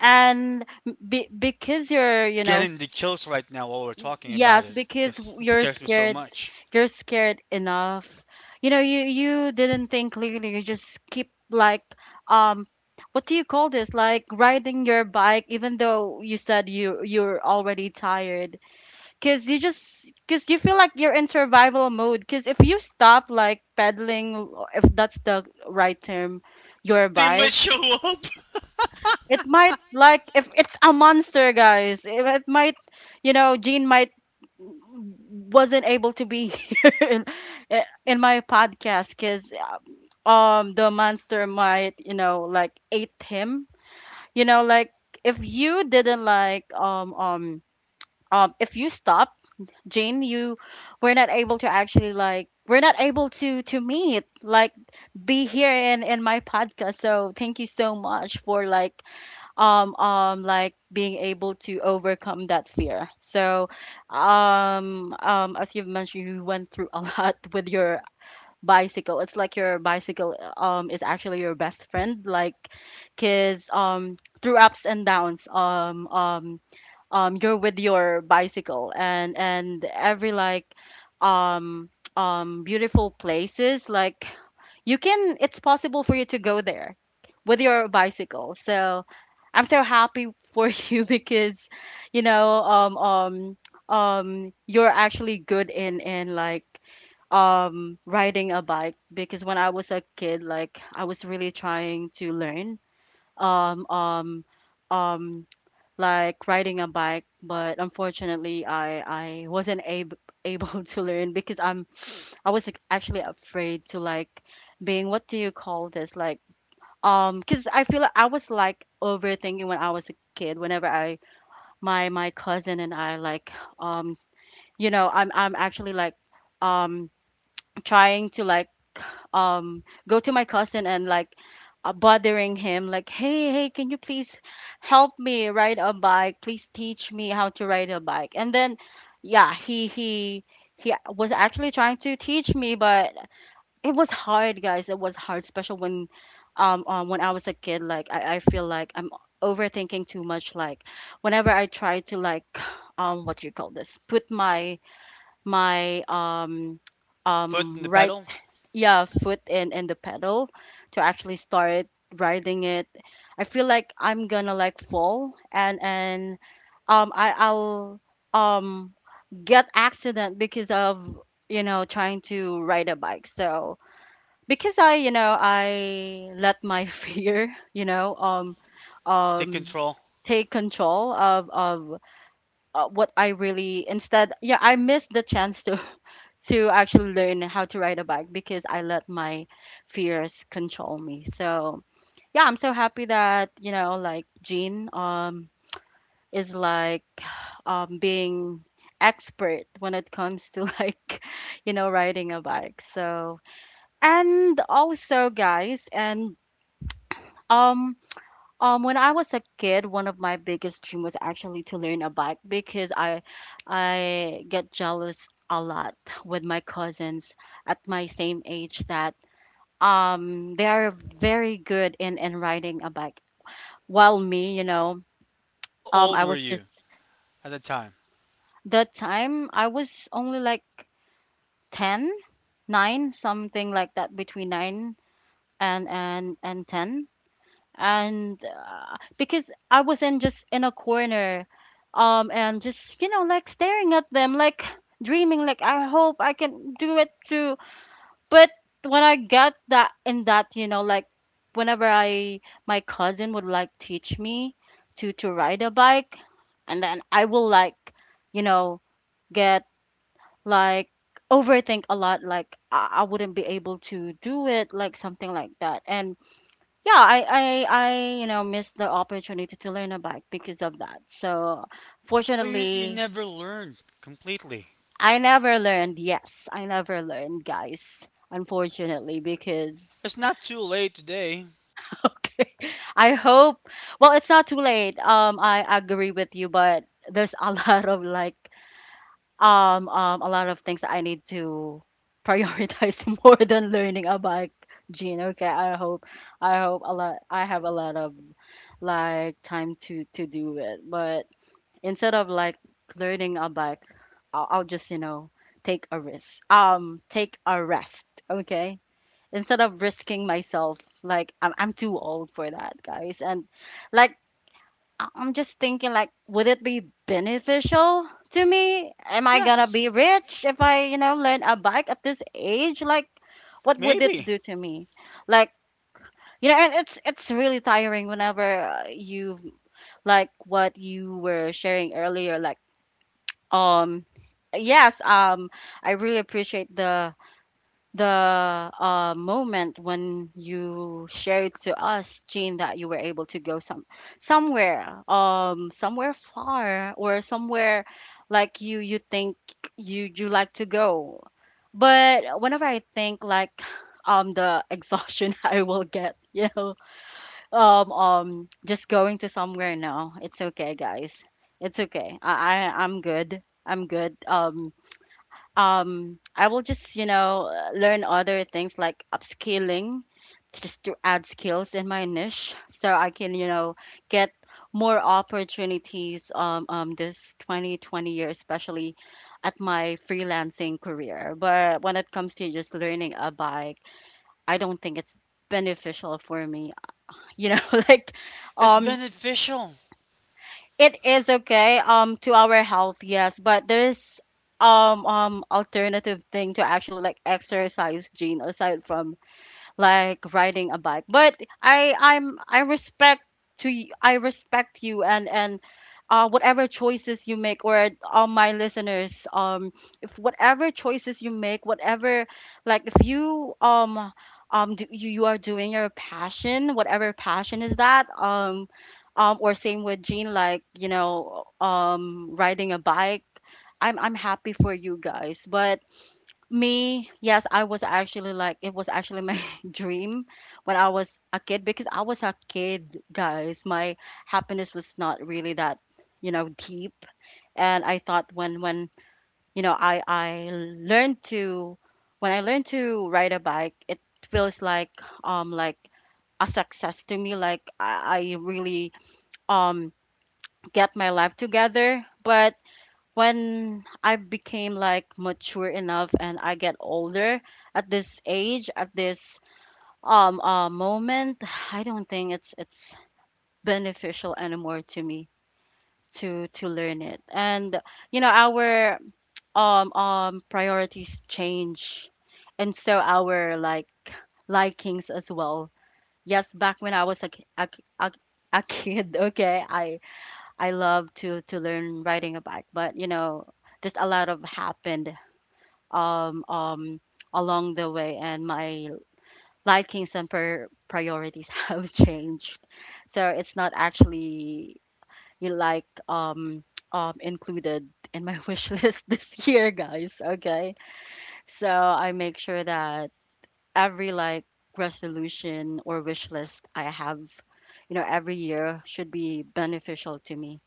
and be, because you're I'm you know getting the chills right now while we're talking about yes, it because because it you're scares me so scared. much. You're scared enough. You know, you you didn't think clearly. You just keep like um, what do you call this? Like riding your bike, even though you said you you're already tired. Cause you just cause you feel like you're in survival mode. Cause if you stop like pedaling, if that's the right term, your Something might bike, show up. it might like if it's a monster, guys. If it might, you know, Jean might wasn't able to be <laughs> here in, in my podcast because um the monster might, you know, like ate him. You know, like if you didn't like um um um if you stop, Jean, you were not able to actually like we're not able to to meet like be here in in my podcast. So thank you so much for like um um like being able to overcome that fear, so um um as you've mentioned, you went through a <laughs> lot with your bicycle, it's like your bicycle um is actually your best friend, like because um through ups and downs um um um you're with your bicycle, and and every like um um beautiful places like you can, it's possible for you to go there with your bicycle, so I'm so happy for <laughs> you because you know um um um you're actually good in in like um riding a bike, because when I was a kid, like I was really trying to learn um um um like riding a bike, but unfortunately i I wasn't able able <laughs> to learn because i'm I was like actually afraid to like being, what do you call this, like um because I feel like I was like overthinking when I was a kid, whenever I my my cousin and I like um you know I'm I'm actually like um trying to like um go to my cousin and like uh, bothering him like hey, hey, can you please help me ride a bike, please teach me how to ride a bike, and then yeah he he he was actually trying to teach me, but it was hard, guys, it was hard, especially when um, um when I was a kid, like I, I feel like I'm overthinking too much, like whenever I try to like <sighs> um, what do you call this, put my my um Foot um in the right pedal, yeah foot in in the pedal to actually start riding it, I feel like I'm gonna like fall, and and um i i'll um get accident because of you know trying to ride a bike, so because I, you know, I Let my <laughs> fear, you know, um, take um, control. take control of of uh, what I really instead. Yeah, I missed the chance to <laughs> to actually learn how to ride a bike because I let my fears control me. So yeah, I'm so happy that you know, like Jean, um, is like, <sighs> um, being expert when it comes to <laughs> like you know riding a bike so and also guys and Um, um, when I was a kid, one of my biggest dream was actually to learn a bike because I I get jealous a lot with my cousins at my same age that um they are very good in in riding a bike. While me, you know, How um I old was were just you at the time? the time I was only like ten nine something like that between nine and and and ten and uh, because I wasn't just in a corner, um, and just you know like staring at them, like dreaming, like I hope I can do it too. But when I got that in that, you know, like whenever I my cousin would like teach me to to ride a bike, and then I will like, you know, get like overthink a lot like I, I wouldn't be able to do it like something like that. And yeah I, I i you know missed the opportunity to learn a bike because of that. So Oh, you, you fortunately never learned completely. I never learned. Yes, I never learned, guys, unfortunately because It's not too late today. <laughs> okay. I hope well it's not too late, um I agree with you, but there's a <laughs> lot of like um um a lot of things that I need to prioritize <laughs> more than learning a bike. Gene, okay, I hope I hope a lot. I have a lot of like time to to do it, but instead of like learning a bike, I'll, I'll just you know take a risk, um take a rest. Okay, instead of risking myself like i'm, I'm too old for that, guys. And like I- I'm just thinking like would it be beneficial to me? Am I Yes, gonna be rich if I you know learn a bike at this age? Like what would it maybe. do to me? Like you know, and it's it's really tiring whenever uh, you, like what you were sharing earlier. Like um yes, um I really appreciate the the uh moment when you shared to us Jean that you were able to go some somewhere um somewhere far or somewhere like you you think you you like to go. But whenever I think like um the exhaustion <laughs> I will get you know um um just going to somewhere now. It's okay, guys, it's okay. i, i, I'm good, I'm good. um um I will just you know uh, learn other things like upskilling, just to add skills in my niche so I can you know get more opportunities um, um this twenty twenty year, especially at my freelancing career. But when it comes to just learning a bike, I don't think it's beneficial for me, you know. <laughs> like It's um beneficial. it is okay um to our health, yes, but there's um um alternative thing to actually like exercise, gene, aside from like riding a bike. But i i'm I respect to y- I respect you, and and uh, whatever choices you make, or all my listeners. Um if whatever choices you make, whatever, like if you um um do, you, you are doing your passion, whatever passion is that, um um or same with Jean, like you know, um riding a bike. I'm I'm happy for you guys. But me, yes, I was actually like it was actually my <laughs> dream when I was a kid, because I was a kid, guys. My happiness was not really that, you know, deep. And I thought when when you know I I learned to when I learned to ride a bike, it feels like um like a success to me. Like I, I really um get my life together. But when I became like mature enough and I get older at this age, at this um uh, moment, <sighs> I don't think it's it's beneficial anymore to me to to learn it. And you know, our um um priorities change, and so our like likings as well. Yes, back when I was a, ki- a, ki- a, a kid, <laughs> okay, I I love to to learn riding a bike. But you know, just a lot of happened um, um, along the way, and my likings and per- priorities <laughs> have changed. So it's not actually you know, like um, um, included in my <laughs> wish list this year, guys. Okay, so I make sure that every like resolution or wish list I have, you know, every year should be beneficial to me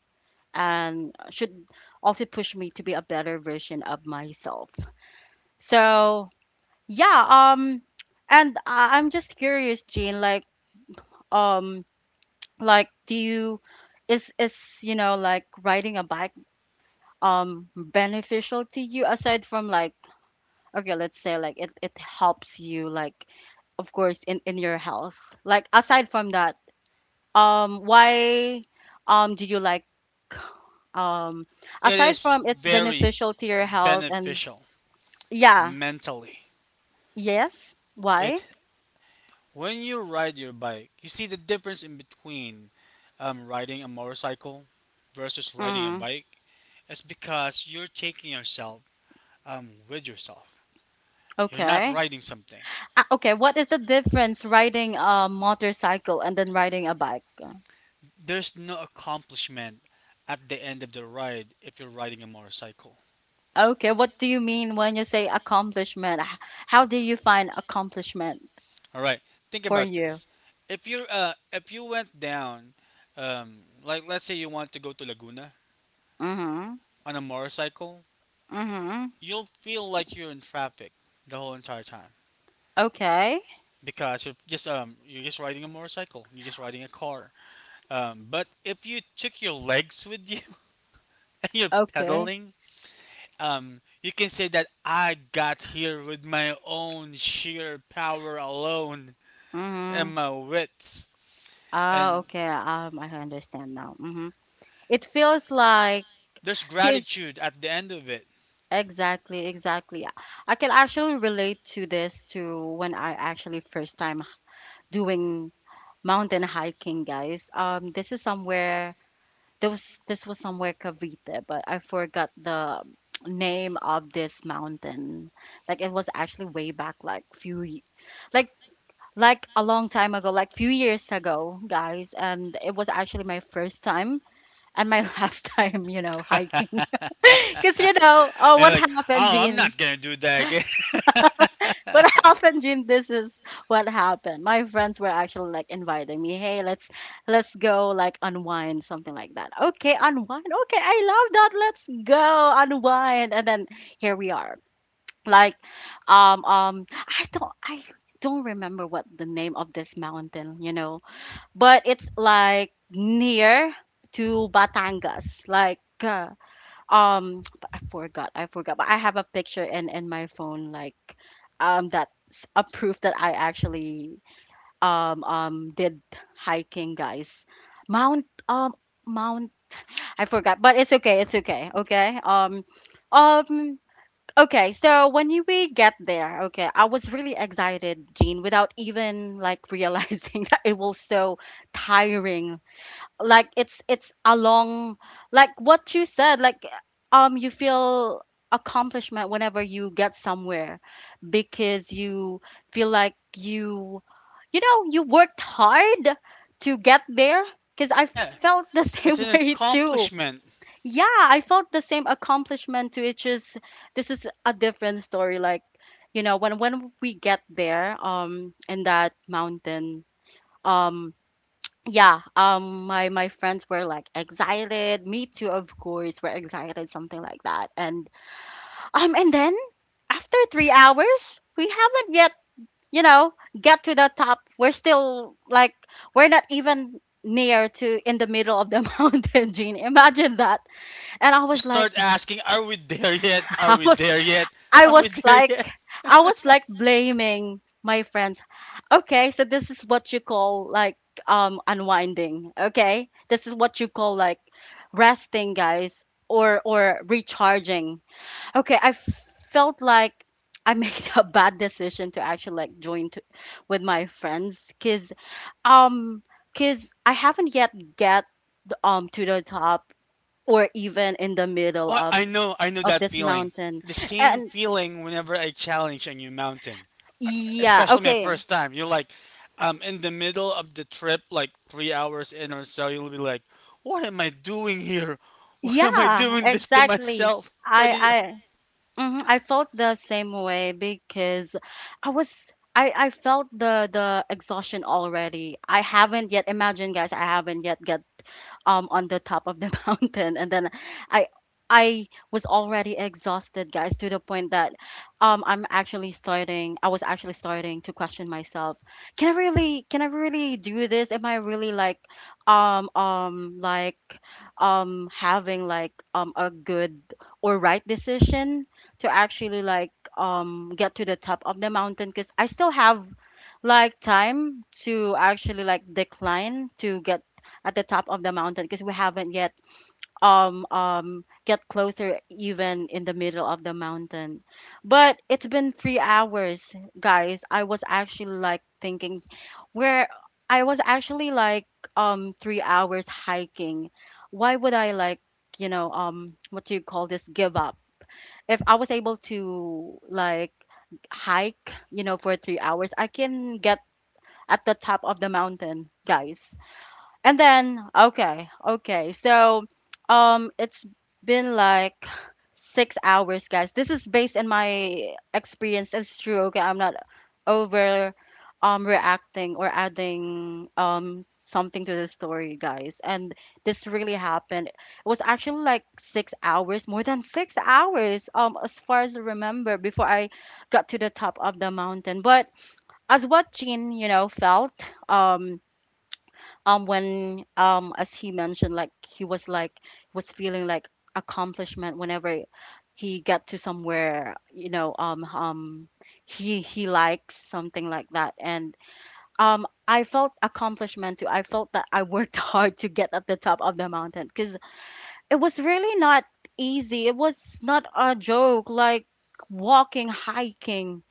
and should also push me to be a better version of myself. So yeah, um and I- I'm just curious, Jean, like um like do you is is you know like riding a bike um beneficial to you, aside from like okay, let's say like it it helps you like of course in in your health. Like aside from that, um why um do you like, um It aside is from it's very beneficial to your health and beneficial yeah, mentally. yes, why? It when you ride your bike, you see the difference in between um, riding a motorcycle versus riding a Mm, bike. It's because you're taking yourself um, with yourself. You're not okay. riding something. Ah, okay, what is the difference riding a motorcycle and then riding a bike? There's no accomplishment at the end of the ride if you're riding a motorcycle. Okay, what do you mean when you say accomplishment? H- How do you find accomplishment All right, think for about you? this. If you're uh, if you went down, um, like let's say you want to go to Laguna Mm-hmm. on a motorcycle, Mm-hmm. you'll feel like you're in traffic the whole entire time Okay. because you're just um you're just riding a motorcycle, you're just riding a car. Um, but if you took your legs with you <laughs> and you're Okay. pedaling, um, you can say that I got here with my own sheer power alone Mm-hmm. and my wits. Ah, And okay. Um, I understand now. Mm-hmm. It feels like there's kids. gratitude at the end of it. Exactly, exactly. I I can actually relate to this to when I actually first time doing mountain hiking, guys. Um, this is somewhere there was this was somewhere Cavite, but I forgot the name of this mountain. Like it was actually way back, like few, ye- like like a long time ago, like few years ago, guys. And it was actually my first time and my <laughs> last time, you know, hiking. <laughs> Cause you know, oh, And what like, happened, oh, I'm Jean? not gonna do that again. What <laughs> happened, Jim? This is what happened. My friends were actually like inviting me, "Hey, let's let's go like unwind, something like that." Okay, unwind. Okay, I love that. Let's go unwind, and then here we are. Like, um, um, I don't, I don't remember what the name of this mountain, you know, but it's like near to Batangas, like. Uh, um but i forgot I forgot. But I have a picture in in my phone like um that's a proof that I actually um um did hiking, guys. mount um mount, I forgot, but it's okay, it's okay. Okay um um okay, so when you we get there, okay, I was really excited, Jean, without even like <laughs> realizing that it was so tiring. Like it's it's a long like what you said. Like um you feel accomplishment whenever you get somewhere because you feel like you you know you worked hard to get there. Because <laughs> I Yeah, felt the <laughs> it's same an way too. accomplishment. Yeah, I felt the same accomplishment too. It's just this is a different story. Like you know when when we get there um in that mountain, um yeah. Um my my friends were like excited, me too, of course, we're excited something like that. And um and then after three hours we haven't yet you know get to the top. We're still like we're not even near to in the middle of the <laughs> mountain, gene, imagine that. And I You was like start asking, are we there yet? <laughs> Are how we there yet? I Are we was there like, yet? I was like blaming my friends. Okay, so this is what you call like um unwinding. Okay, this is what you call like resting, guys, or or recharging. Okay, I felt like I made <laughs> a bad decision to actually like join to, with my friends, cause um because I haven't yet get um to the top or even in the middle Oh, of I know, I know of that this feeling. mountain. The same And feeling whenever I challenge a new mountain. Uh, Yeah, Especially my okay. first time. You're like, um, in the middle of the trip, like three hours in or so, you'll be like, "What am I doing here? <laughs> Why am I Yeah, doing this to exactly. myself? Why I did?" I mhm, I felt the same way because I was I I felt the the exhaustion already. I haven't yet imagine, guys, I haven't yet get um, on the top of the <laughs> mountain. And then I I was already exhausted, guys, to the point that um, I'm actually starting. I was actually starting to question myself. Can I really? Can I really do this? Am I really like, um, um, like, um, having like um a good or right decision to actually like um get to the top of the mountain? Because I still have like time to actually like decline to get at the top of the mountain, because we haven't yet um um get closer even in the middle of the mountain. But it's been three hours, guys. I was actually like thinking where I was actually like um three hours hiking. Why would I like, you know, um what do you call this, give up? If I was able to like hike, you know, for three hours, I can get at the top of the mountain, guys. And then, okay, okay. So, um, it's been like six hours, guys. This is based on my experience. It's true. Okay, I'm not over um reacting or adding um something to the story, guys. And this really happened. It was actually like six hours, more than six hours, um, as far as I remember, before I got to the top of the mountain. But as what Jean, you know, felt, um um when um as he mentioned, like he was like was feeling like accomplishment whenever he got to somewhere, you know. um um he he likes something like that. And um I felt accomplishment too. I felt that I worked <laughs> hard to get at the top of the mountain, because it was really not easy. It was not a joke, like walking, hiking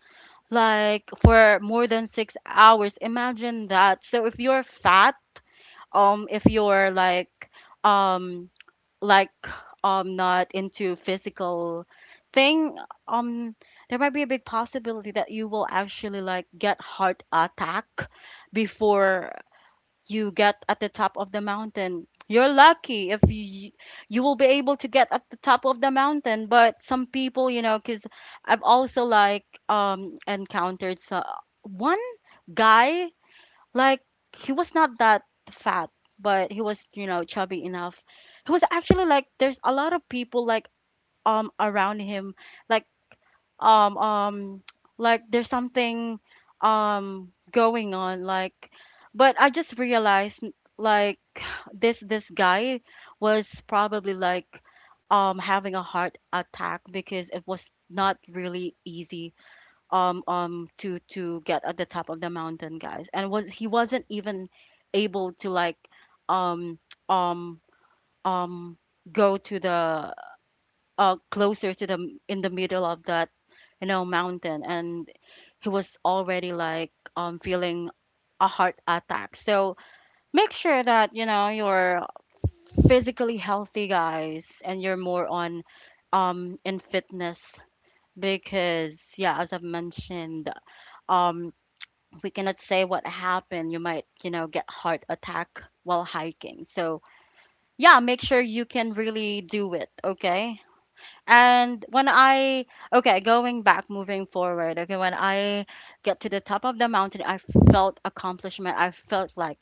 like for more than six hours. Imagine that. So if you're fat, um if you're like, um like um not into physical thing, um there might be a big possibility that you will actually like get heart attack before you get at the top of the mountain. You're lucky if you you will be able to get at the top of the mountain. But some people, you know, because I've also like um encountered. So, one guy, like, he was not that fat, but he was, you know, chubby enough. He was actually like there's a lot of people like um around him, like, um um <tsk> like there's something um going on, like. But I just realized, like, <sighs> this this guy was probably like um having a heart attack, because it was not really easy um um to to get at the top of the mountain, guys. And was he wasn't even able to like um um um go to the uh closer to the m- in the middle of that, you know, mountain. And he was already like um feeling a heart attack. So make sure that, you know, you're physically healthy, guys, and you're more on um in fitness. Because yeah, as I've mentioned, um we cannot say what happened. You might, you know, get heart attack while hiking. So yeah, make sure you can really do it, okay? And when I Okay, going back, moving forward, okay, when I get to the top of the mountain, I felt accomplishment. I felt like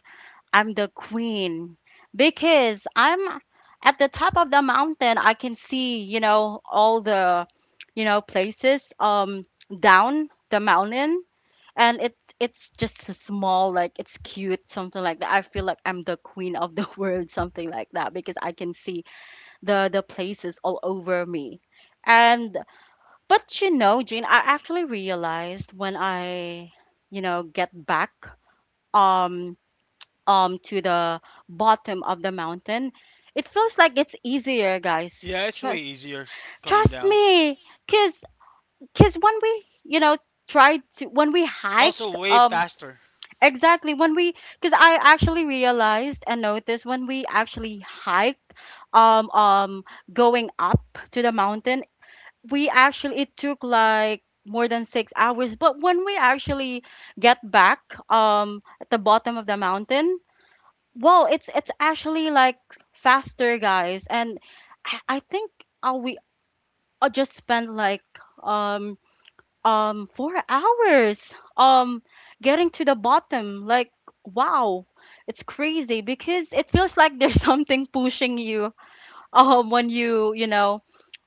I'm the queen because I'm at the top of the mountain. I can see, you know, all the, you know, places um down the mountain. And it's it's just a small, like, it's cute, something like that. I feel like I'm the queen of the <laughs> world, something like that, because I can see the the places all over me. And but you know, Jean, I actually realized when I, you know, get back um um to the bottom of the mountain, it feels like it's easier, guys. Yeah, it's way Trust easier coming trust down. me, because because when we, you know, tried to when we hike Also, way um. faster Exactly. When we, because I actually realized and noticed when we actually hiked, um, um, going up to the mountain, we actually, it took like more than six hours. But when we actually get back, um, at the bottom of the mountain, well, it's, it's actually like faster, guys. And I, I think uh, we uh, just spent like, um, um four hours um getting to the bottom. Like wow, it's crazy because it feels like there's <laughs> something pushing you um when you you know,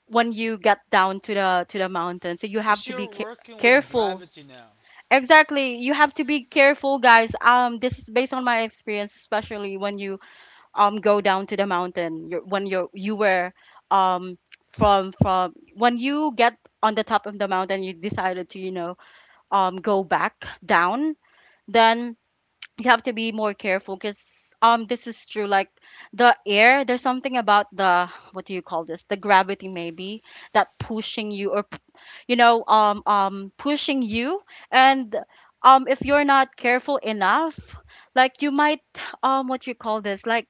when you get down to the to the mountain. So you because have to be you're ca- working with careful. gravity now. Exactly, you have to be careful, guys. Um this is based on my experience, especially when you um go down to the mountain. You're, when you're you were um from from When you get on the top of the mountain, you decided to, you know, um go back down, then you have to be more careful, because um this is true. Like the air, there's something about the, what do you call this? The gravity maybe that pushing you, or p- you know, um um pushing you. And um if you're not careful enough, like you might, um what you call this, like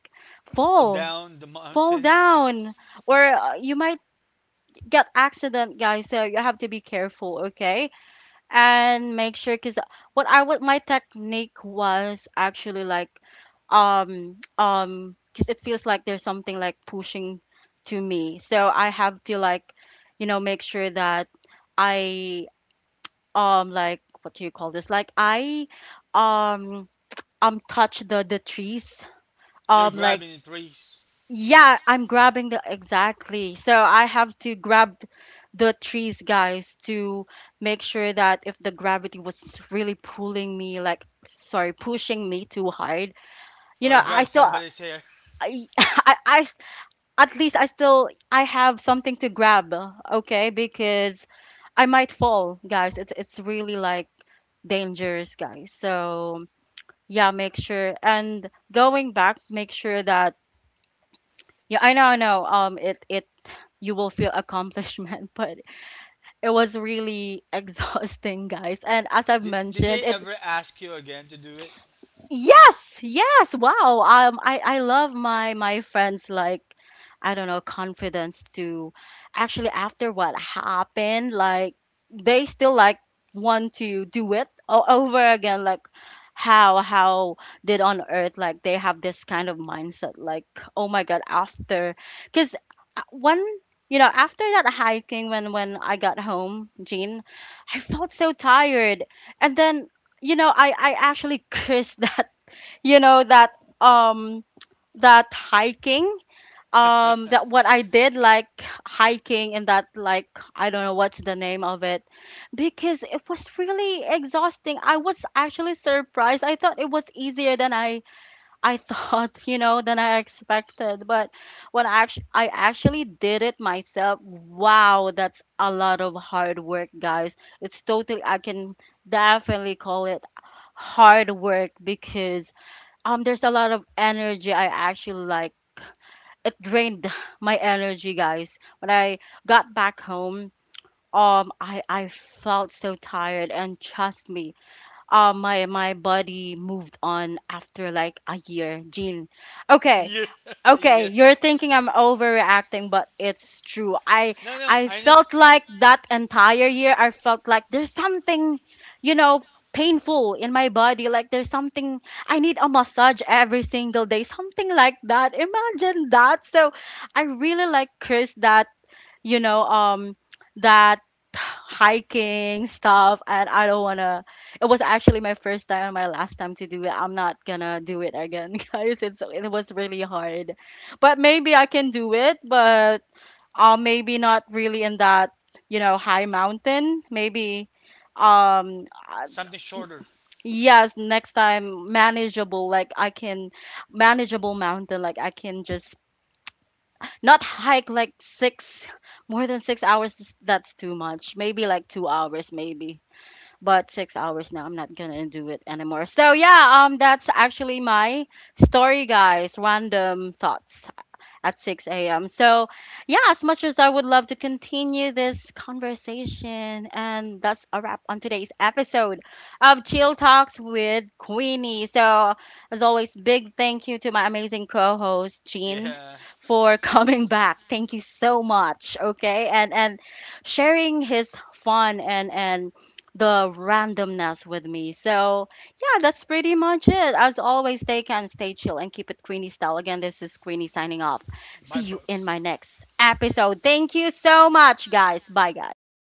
Roll fall. down the Fall mountain, down Or uh, you might get accident, guys. So you have to be careful, okay? And make sure, because what I would my technique was actually like, um um because it feels like there's something like pushing to me. So I have to, like, you know, make sure that I, um like, what do you call this, like I, um um touch the the trees, you're um like, grabbing trees yeah, I'm grabbing the, exactly. So I have to grab the trees, guys, to make sure that if the gravity was really pulling me, like, sorry, pushing me too hard, or you know, grab I still, somebody's hair. I, <laughs> I, I s- at least I still, I have something to grab, okay? Because I might fall, guys. It's it's really like dangerous, guys. So yeah, make sure, and going back, make sure that. Yeah, I know, I know. Um, it it you will feel accomplishment, <laughs> but it was really <laughs> exhausting, guys. And as I've Did, did they mentioned, it. ever ask you again to do it? Yes, yes. Wow. Um, I I love my my friends, like, I don't know confidence to actually, after what happened, like they still like want to do it o- over again. Like how, how did on earth, like they have this kind of mindset, like oh my god. After, because one, you know, after that hiking, when when I got home, Jean, I felt so tired. And then, you know, I I actually <laughs> cursed that, you know, that, um that hiking, um that what I did, like hiking in that, like, I don't know what's the name of it. Because it was really exhausting. I was actually surprised. I thought it was easier than I I thought, <laughs> you know, than I expected. But when I actually I actually did it myself, wow, that's a lot of hard work, guys. It's totally, I can definitely call it hard work, because um there's a lot of energy. I actually like, it drained <sighs> my energy, guys. When I got back home, um I I felt so tired. And trust me, um my my body moved on after like a year, Jean. Yeah. Okay. Okay, you're thinking I'm overreacting, but it's true. I No, no, I I knew felt like that entire year, I felt like there's something, you know, painful in my body. Like there's something, I need a massage every single day, something like that. Imagine that. So I really like Chris that, you know, um, that hiking stuff. And I don't wanna. It was actually my first time and my last time to do it. I'm not gonna do it again, <laughs> guys. It's it was really hard, but maybe I can do it. But uh, maybe not really in that, you know, high mountain. Maybe, um, uh, something shorter. yes, next time, manageable. Like I can, manageable mountain. Like I can just not hike like six, more than six hours, is- that's too much. Maybe like two hours, maybe. But six hours now, I'm not gonna do it anymore. So yeah, um, that's actually my story, guys. Random thoughts at six a m. So, yeah, as much as I would love to continue this conversation, and that's a wrap on today's episode of Chill Talks with Queenie. So, as always, big thank you to my amazing co host, Jean. Yeah. For <laughs> coming back, thank you so much. Okay, and and sharing his fun and and the randomness with me. So yeah, that's pretty much it. As always, stay can stay chill and keep it Queenie style. Again, this is Queenie signing off. Bye, See you folks. in my next episode. Thank you so much, guys. Bye, guys.